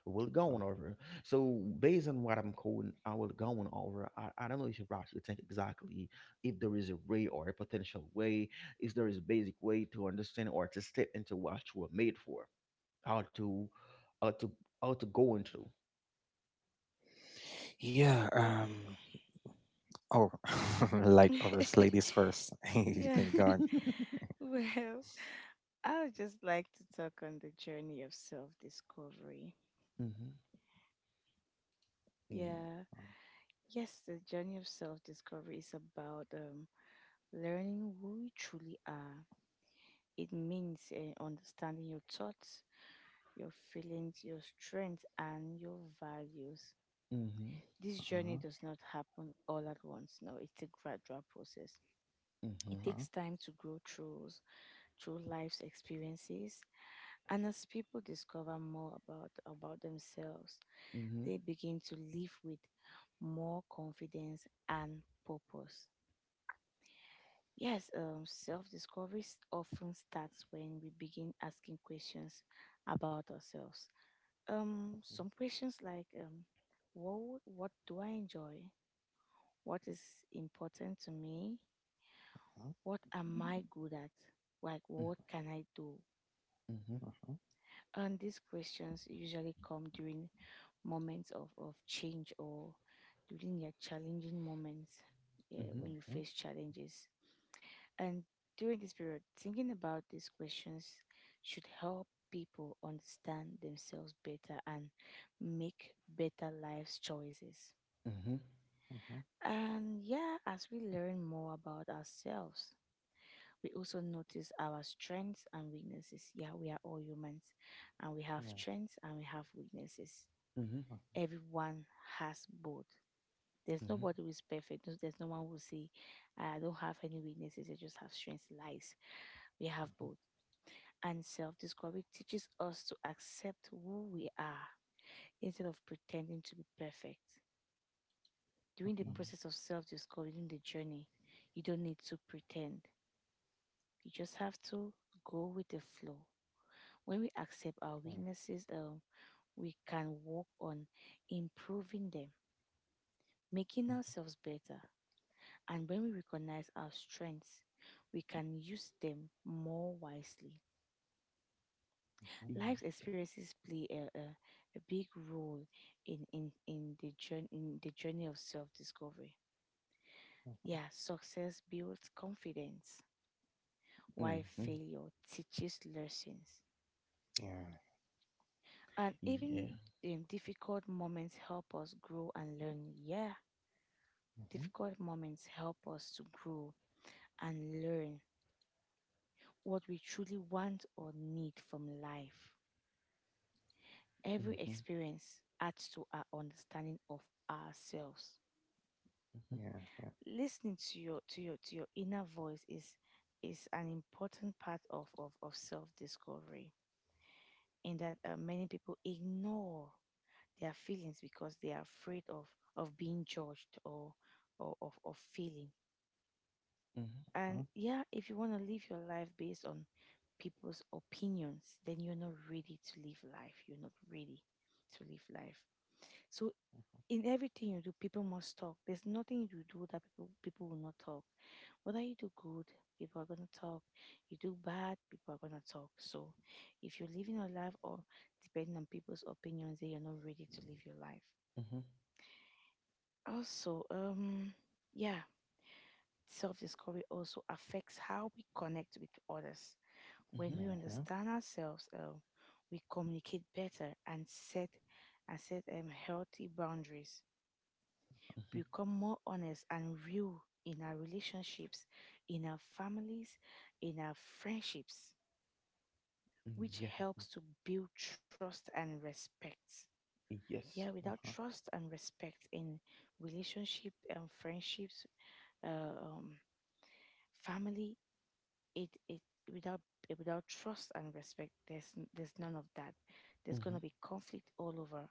Speaker 1: We'll go on over. So based on what I'm going, I will go on over. I don't know if you Ross, you think exactly if there is a way or a potential way, if there is a basic way to understand or to step into what you were made for, how to, how to, how to go into.
Speaker 2: Well, (laughs) yeah. (laughs)
Speaker 1: (laughs)
Speaker 2: Well, I would just like to talk on the journey of self discovery.
Speaker 1: Mm-hmm.
Speaker 2: Yeah. Yes, the journey of self discovery is about learning who you truly are. It means understanding your thoughts, your feelings, your strengths, and your values.
Speaker 1: Mm-hmm.
Speaker 2: This journey does not happen all at once. No, it's a gradual process. It
Speaker 1: Mm-hmm.
Speaker 2: takes time to grow through life's experiences. And as people discover more about themselves,
Speaker 1: Mm-hmm.
Speaker 2: they begin to live with more confidence and purpose. Yes, self discovery often starts when we begin asking questions about ourselves. Some questions like what do I enjoy? What is important to me? What am I good at? Like, what can I do?
Speaker 1: Mm-hmm.
Speaker 2: And these questions usually come during moments of change or during your challenging moments, yeah,
Speaker 1: Mm-hmm.
Speaker 2: when you face challenges. And during this period, thinking about these questions should help people understand themselves better and make better life choices. And yeah, as we learn more about ourselves, we also notice our strengths and weaknesses. Yeah, we are all humans and we have strengths and we have weaknesses.
Speaker 1: Mm-hmm.
Speaker 2: Everyone has both. There's nobody who is perfect. There's no one who will say, "Ah, I don't have any weaknesses, I just have strengths." Lies. We have both. And self discovery teaches us to accept who we are instead of pretending to be perfect. During the process of self discovery, during the journey, you don't need to pretend. You just have to go with the flow. When we accept our weaknesses, we can work on improving them, making ourselves better. And when we recognize our strengths, we can use them more wisely. Life
Speaker 1: Mm-hmm.
Speaker 2: experiences play a big role in the journey, in the journey of self discovery. Yeah, success builds confidence,
Speaker 1: e, Mm-hmm.
Speaker 2: while
Speaker 1: e,
Speaker 2: failure teaches lessons. And
Speaker 1: Yeah. Mm-hmm.
Speaker 2: even
Speaker 1: Yeah.
Speaker 2: difficult moments help us grow and learn. Yeah, difficult moments help us to grow and learn what we truly want or need from life. Every
Speaker 1: Mm-hmm.
Speaker 2: experience adds to our understanding of ourselves.
Speaker 1: Mm-hmm.
Speaker 2: Listening to your to your to your inner voice is an important part of self-discovery in that many people ignore their feelings because they are afraid of being judged or of feeling.
Speaker 1: Mm-hmm.
Speaker 2: And yeah, if you want to live your life based on people's opinions, then you're not ready to live life. You're not ready to live life. So in everything you do, people must talk. There's nothing you do that people will not talk. Whether you do good, people are gonna talk. You do bad, people are gonna talk. So if you're living your life or depending on people's opinions, then you're not ready to live your life. Also, yeah, self discovery also affects how we connect with others. When
Speaker 1: Mm-hmm.
Speaker 2: we understand ourselves, we communicate better and set healthy boundaries,
Speaker 1: Mm-hmm.
Speaker 2: become more honest and real in our relationships, in our families, in our friendships,
Speaker 1: Mm,
Speaker 2: which
Speaker 1: yeah.
Speaker 2: helps to build trust and respect. Yeah,
Speaker 1: Yes.
Speaker 2: without trust and respect in relationship and friendships, uh, um, family, it without without trust and respect, there's none of that. There's
Speaker 1: Mm-hmm.
Speaker 2: gonna be conflict all over.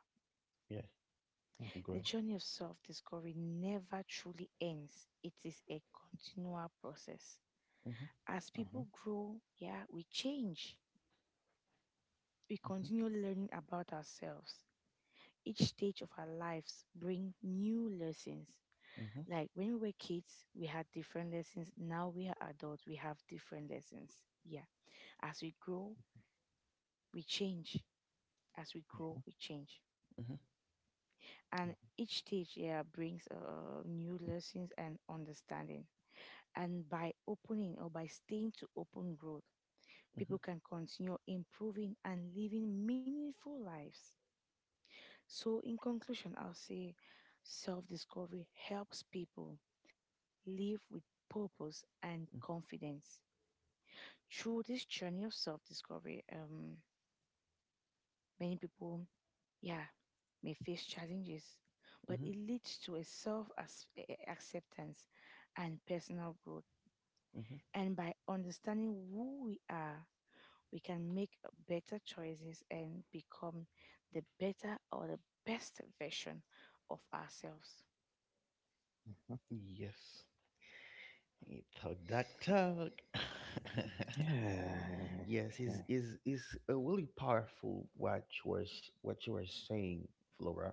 Speaker 1: Yeah.
Speaker 2: The
Speaker 1: Great.
Speaker 2: journey of self discovery never truly ends. It is a continual process.
Speaker 1: Mm-hmm.
Speaker 2: As people grow, yeah, we change. We
Speaker 1: Mm-hmm.
Speaker 2: continue learning about ourselves. Each stage of our lives bring new lessons.
Speaker 1: Mm-hmm.
Speaker 2: Like when we were kids, we had different lessons. Now we are adults, we have different lessons. Yeah. As we grow, we change. As we grow, we change.
Speaker 1: Mm-hmm.
Speaker 2: And each stage, yeah, brings new lessons and understanding. And by opening or by staying to open growth, people
Speaker 1: Mm-hmm.
Speaker 2: can continue improving and living meaningful lives. So, in conclusion, I'll say self discovery helps people live with purpose and confidence. Through this journey of self discovery, many people, yeah, may face challenges, but
Speaker 1: Mm-hmm.
Speaker 2: it leads to a self acceptance and personal growth.
Speaker 1: Mm-hmm.
Speaker 2: And by understanding who we are, we can make better choices and become the better or the best version of ourselves.
Speaker 1: Yes. He talk that talk. (laughs) Yes, is a really powerful what you were what you were saying, Flora.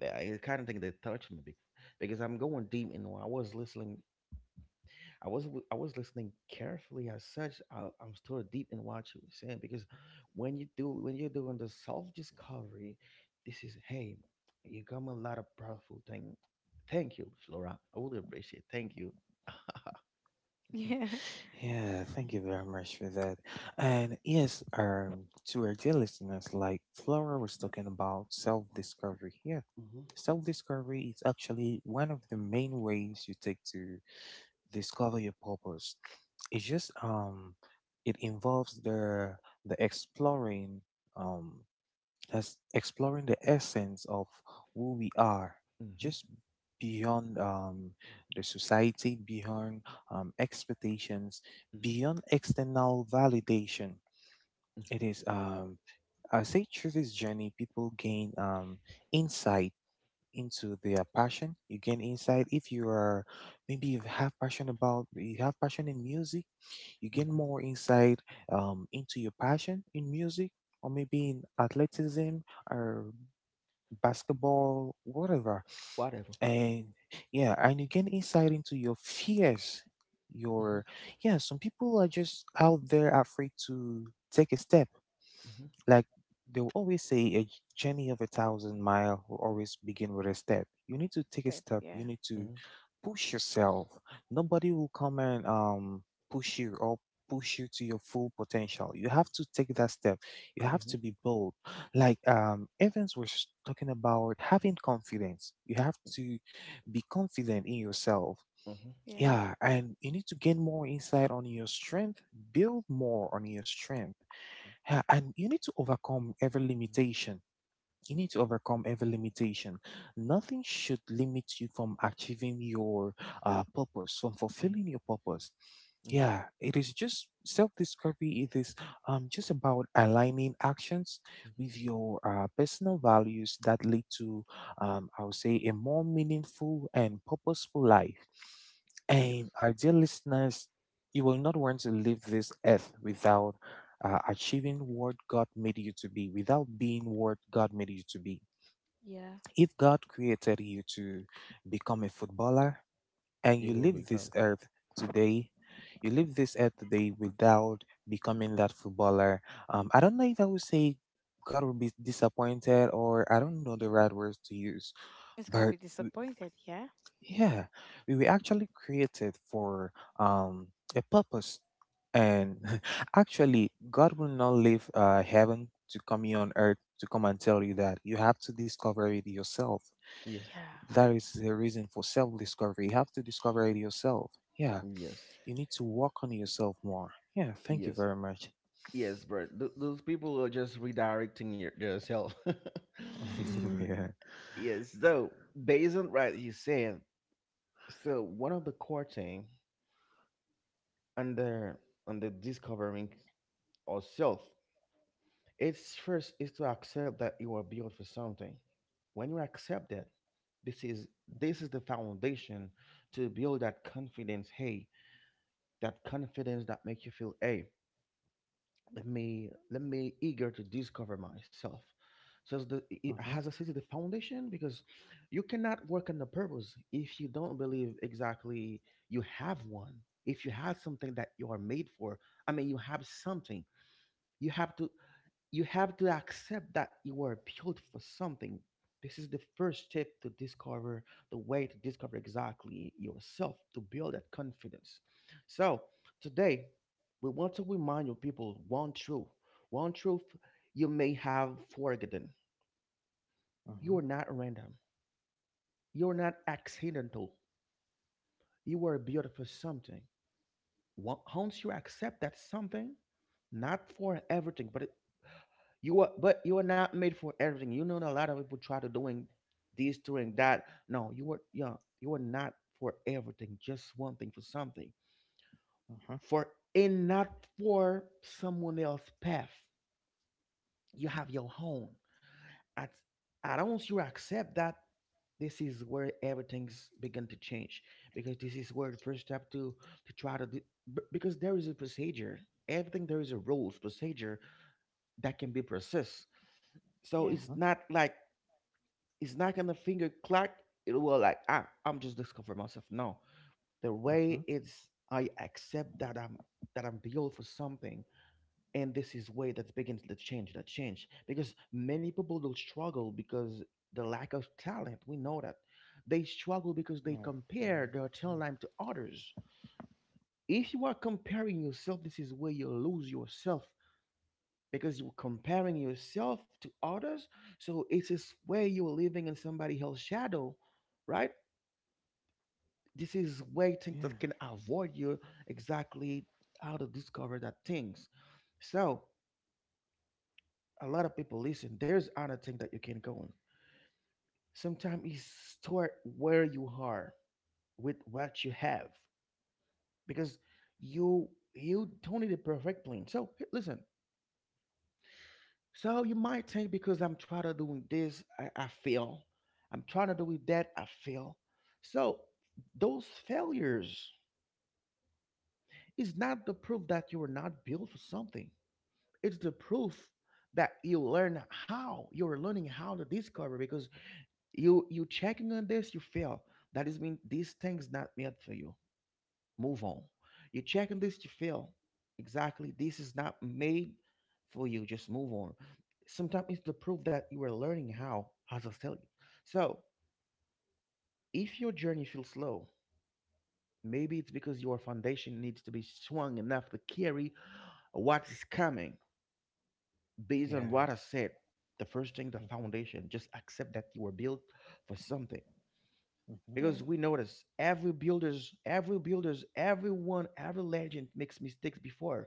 Speaker 1: Yeah, I kind of think that touched me because I'm going deep and I was listening. I was listening carefully as such. I'm still deep in what you were saying because when you're doing the self discovery, this is, hey, you got me a lot of powerful thing. Thank you, Flora. I really appreciate. Thank you. (laughs)
Speaker 2: (laughs) Yeah.
Speaker 1: Mm-hmm. Mm-hmm. Mm-hmm. Mm-hmm. Mm-hmm. Whatever. Mm-hmm. Mm-hmm.
Speaker 2: Step, yeah,
Speaker 1: Mm-hmm. Mm-hmm. Mm-hmm.
Speaker 2: yeah,
Speaker 1: Mm-hmm. Mm-hmm. Mm-hmm. Yes.
Speaker 2: yeah.
Speaker 1: You will become.
Speaker 2: It's gonna be disappointed, yeah,
Speaker 1: Yes.
Speaker 2: yeah,
Speaker 1: Yes. Yes. Yes, bro. Those people are just redirecting your, yourself. (laughs) Yes. So based on what you said, so one of the core thing under under discovering ourself, it's first is to accept that you are built for something. When you accept that, this is this is the foundation to build that confidence. Hey, that confidence that makes you feel, hey, let me eager to discover myself, so the, it has a sense of the foundation, because you cannot work on a purpose if you don't believe exactly you have one, if you have something that you are made for. I mean, you have something, you have to you have to accept that you are built for something. This is the first step to discover, the way to discover exactly yourself to build that confidence. So, today we want to remind you people one truth you may have forgotten. You are not random, you're not accidental, you are built for something. Once you accept that something, not for everything, but you are, but you are not made for everything. You know, a lot of people try to doing this, doing that. No, you are, yeah, you are not for everything. Just one thing, for something, for, and not for someone else's path. You have your own. At at once you accept that, this is where everything's begun to change, because this is where the first step to try to do, b- because there is a procedure. Everything, there is a rules procedure that can be processed. So
Speaker 2: yeah,
Speaker 1: it's not like, it's not gonna finger clack. It will like, ah, I'm just discovering myself. No, the way it's, I accept that I'm built for something, and this is way that begins the change, the change. Because many people will struggle because the lack of talent. We know that they struggle because they compare their talent to others. If you are comparing yourself, this is where you lose yourself, because you're comparing yourself to others. So it's this way, you're living in somebody else's shadow, right? This is way things that can avoid you exactly how to discover that things. So a lot of people listen. There's other thing that you can go on. Sometimes you start where you are with what you have, because you don't need a perfect plan. So, listen. So you might think, because I'm trying to doing this, I fail. I'm trying to do that, I fail. So those failures is not the proof that you are not built for something, it's the proof that you're learning how to discover, because you checking on this, you fail, that is mean these things not meant for you, move on. You checking this, you fail, exactly this is not made for you, just move on. Sometimes it's the proof that you are learning how, as I tell you. So if your journey feels slow, maybe it's because your foundation needs to be strong enough to carry what is coming. Based on what I said, the first thing, the foundation, just accept that you were built for something. Because
Speaker 2: yeah,
Speaker 1: we notice every builders, everyone, every legend makes mistakes before.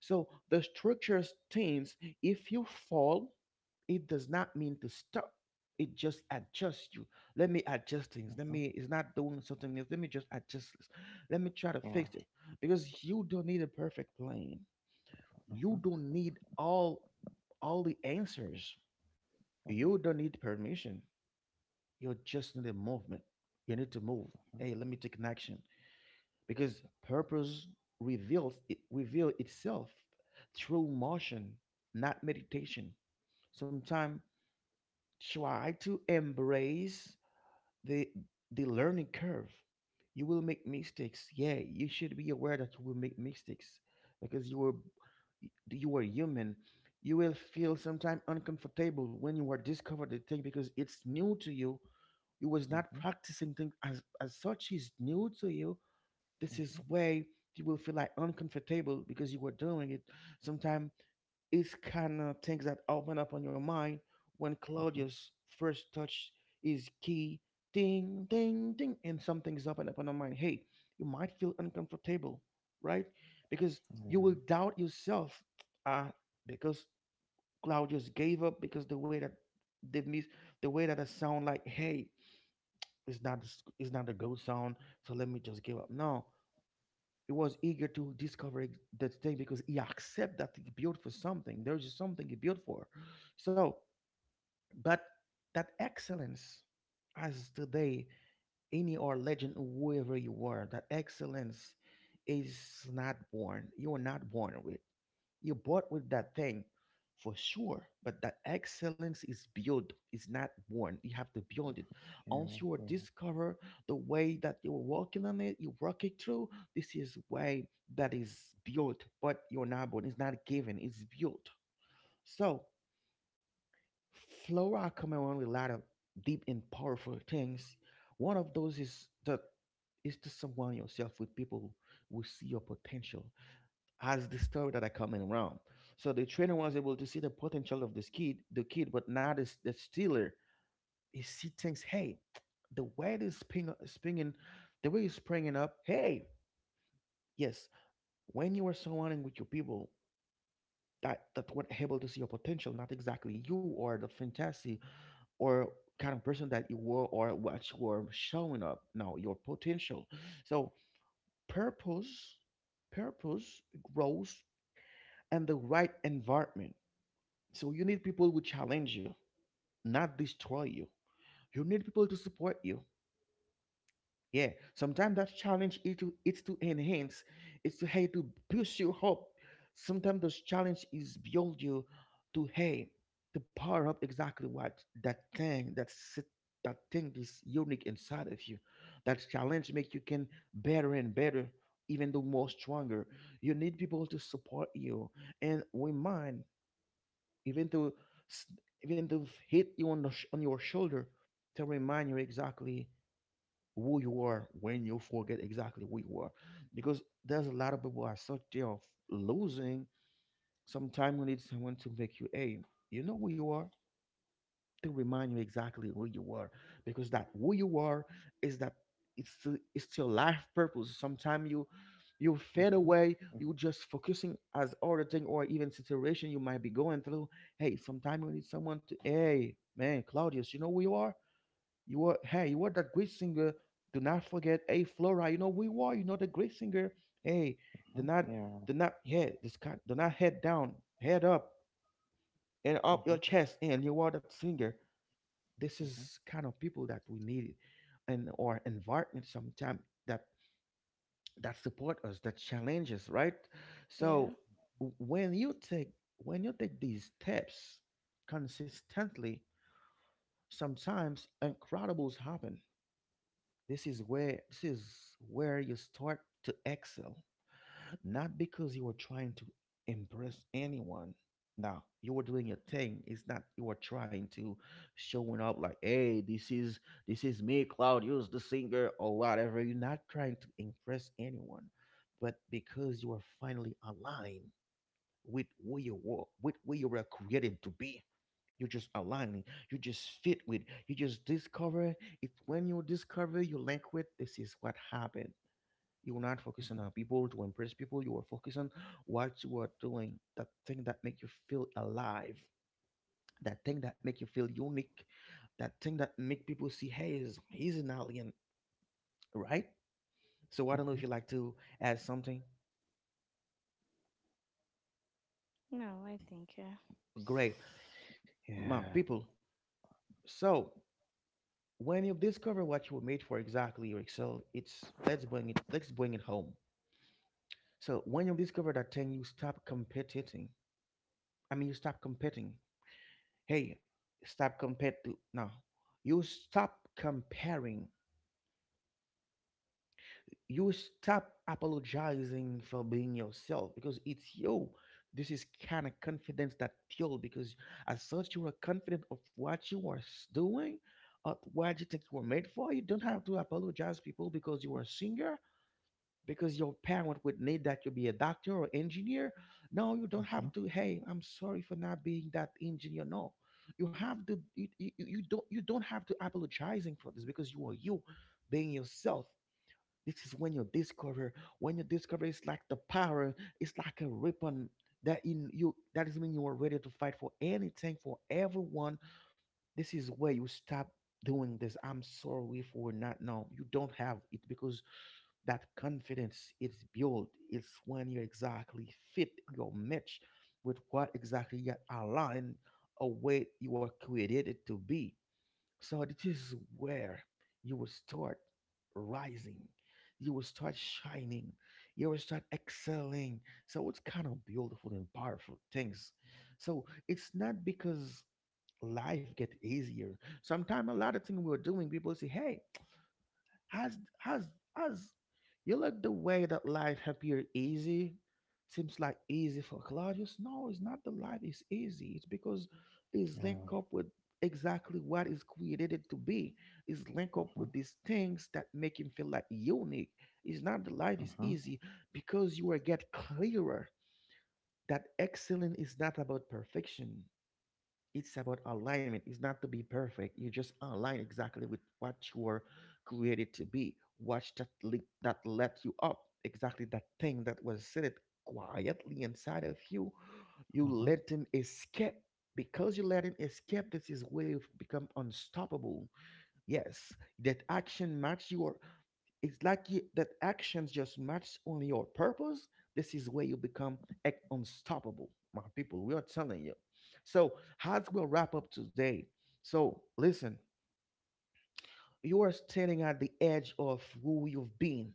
Speaker 1: So the structure stands. If you fall, it does not mean to stop. It just adjusts you. Let me adjust things. Let me. It's not doing something else. Let me just adjust this. Let me try to fix it. Because you don't need a perfect plan. You don't need all the answers. You don't need permission. You just need a movement. You need to move. Hey, let me take an action, because purpose reveal itself through motion, not meditation. Sometimes try to embrace the the learning curve. You will make mistakes. Yeah, you should be aware that you will make mistakes, because you are human. You will feel sometimes uncomfortable when you are discover the thing, because it's new to you. You was not practicing things as such, is new to you. This is way you will feel like uncomfortable because you were doing it. Sometimes it's kind of things that open up on your mind, when Claudia's first touch is key, ding, ding, ding, and something's open up on your mind. Hey, you might feel uncomfortable, right? Because you will doubt yourself. Ah, because Claudius gave up because the way that they miss, the way that a sound like, hey, it's not it's not a good sound. So let me just give up. No, he was eager to discover that thing because he accept that he built for something. There's just something he built for. So, but that excellence, as today, any or legend, whoever you are, that excellence is not born. You are not born with. You're born with that thing for sure, but that excellence is built, it's not born. You have to build it. Once you are discover the way that you're working on it, you work it through. This is way that is built, but you're not born. It's not given, it's built. So Flora come around with a lot of deep and powerful things. One of those is that is to surround yourself with people who see your potential as the story that are coming around. So the trainer was able to see the potential of this kid, the kid, but now this the stealer. He see things. Hey, the way this spring, springing, the way you're springing up. Hey, yes, when you are surrounding with your people that were able to see your potential, not exactly you or the fantasy, or kind of person that you were, or what you were showing up. No, your potential. So purpose, purpose grows and the right environment. So you need people who challenge you, not destroy you. You need people to support you. Yeah, sometimes that challenge is to, it's to enhance, it's to, hey, to push you up. Sometimes those challenge is build you to, hey, to power up exactly what, that thing that sit that thing is unique inside of you. That challenge make you can better and better, even though more stronger. You need people to support you, and remind, even to s- even to hit you on the on your shoulder, to remind you exactly who you are when you forget exactly who you are, because there's a lot of people are such they are losing. Sometimes you need someone to make you, hey, you know who you are, to remind you exactly who you are, because that who you are, is that, it's still life purpose. Sometimes you fade away, you just focusing as other thing, or even situation you might be going through. Hey, sometimes you need someone to, hey, man, Claudius, you know who you are, you are, hey, you are that great singer, do not forget. Hey, Flora, you know who you are, you know the great singer. Hey, do not do not, yeah, this kind, do not head down, head up and up your chest, and you are that singer. This is kind of people that we need, and our environment sometime, that that support us, that challenge us, right? So
Speaker 2: yeah.
Speaker 1: when you take these steps consistently, sometimes incredibles happen. This is where you start to excel, not because you were trying to impress anyone. No, you were doing your thing. It's not you were trying to showing up like, hey, this is me, Claudius the singer, or whatever. You're not trying to impress anyone, but because you are finally aligned with who you were, with who you were created to be. You're just aligning. You just fit with. You just discover it when you discover your language. This is what happened. You will not focus on people to impress people. You are focused on what you are doing, that thing that make you feel alive, that thing that make you feel unique, that thing that make people see, hey, he's an alien, right? So I don't know if you like to add something.
Speaker 2: No, I think, yeah,
Speaker 1: Great, my people. So when you discover what you were made for exactly yourself, it's, let's bring it, let's bring it home. So when you discover that thing, you stop competing. I mean, you stop competing. Hey, no. You stop comparing. You stop apologizing for being yourself because it's you. This is kind of confidence that fuel, because as such, you are confident of what you are doing, of what you think you were made for. You don't have to apologize people because you are a singer, because your parent would need that you be a doctor or engineer. No, you don't have to. Hey, I'm sorry for not being that engineer. No, you have to. You don't. You don't have to apologizing for this because you are you, being yourself. This is when you discover. When you discover, it's like the power. It's like a ribbon that in you. That is when you are ready to fight for anything, for everyone. This is where you stop doing this. I'm sorry for not. No, you don't have it, because that confidence it's built, it's when you exactly fit your match with what exactly you align, or what you were created to be. So this is where you will start rising, you will start shining, you will start excelling. So it's kind of beautiful and powerful things. So it's not because life get easier. Sometimes a lot of things we're doing, people say, hey, has has, you look the way that life appear easy, seems like easy for Claudius. No, it's not the life is easy. It's because it's linked up with exactly what is created it to be. It's linked up with these things that make him feel like unique. It's not the life is easy, because you will get clearer that excellence is not about perfection. It's about alignment. It's not to be perfect. You just align exactly with what you were created to be. Watch that leap that let you up. Exactly that thing that was seated quietly inside of you. You let him escape. Because you let him escape, this is where you become unstoppable. Yes, that action match your, it's like you, that actions just match only your purpose. This is where you become unstoppable. My people, we are telling you. So how will wrap up today. So listen, you are standing at the edge of who you've been,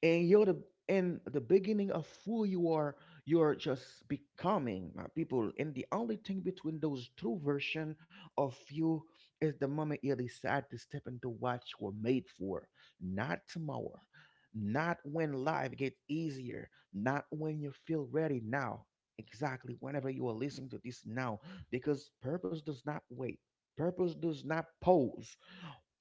Speaker 1: and you're the, in the beginning of who you are. You're just becoming, my people, and the only thing between those two versions of you is the moment you decide to step into what you were made for. Not tomorrow, not when life gets easier, not when you feel ready, now. Exactly whenever you are listening to this, now, because purpose does not wait, purpose does not pause.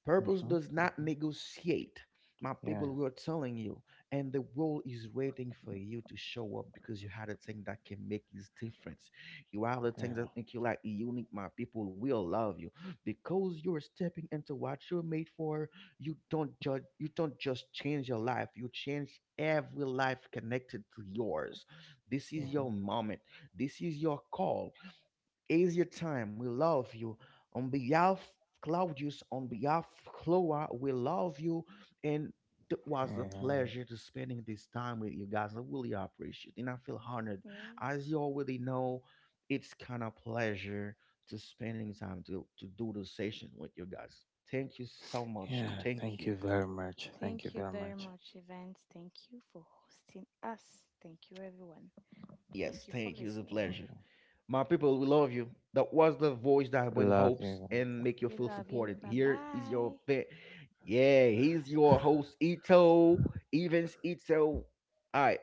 Speaker 1: Purpose does not negotiate. My people, we are telling you, and the world is waiting for you to show up, because you had a thing that can make this difference. You have the things that make you like unique. My people, we all love you, because you're stepping into what you're made for. You don't judge. You don't just change your life. You change every life connected to yours. This is
Speaker 2: yeah,
Speaker 1: your moment. This is your call, easier time. We love you. On behalf Claudius, on behalf Chloa, we love you. And it was a pleasure to spending this time with you guys. I really appreciate it. And I feel honored.
Speaker 2: yeah.
Speaker 1: As you already know, it's kind of pleasure to spending time to, do the session with you guys. Thank you so much. Thank you.
Speaker 2: Thank you very much, Evans. Thank you for hosting us. Thank you, everyone. Thank you
Speaker 1: Yes,
Speaker 2: for
Speaker 1: thank you. It's a
Speaker 2: listening.
Speaker 1: pleasure. My people, we love you. That was the voice that bring hopes and make you
Speaker 2: We
Speaker 1: feel
Speaker 2: love you.
Speaker 1: supported.
Speaker 2: Bye
Speaker 1: Here is
Speaker 2: bye.
Speaker 1: your yeah, he's your host Ito, Evans Ito. All right,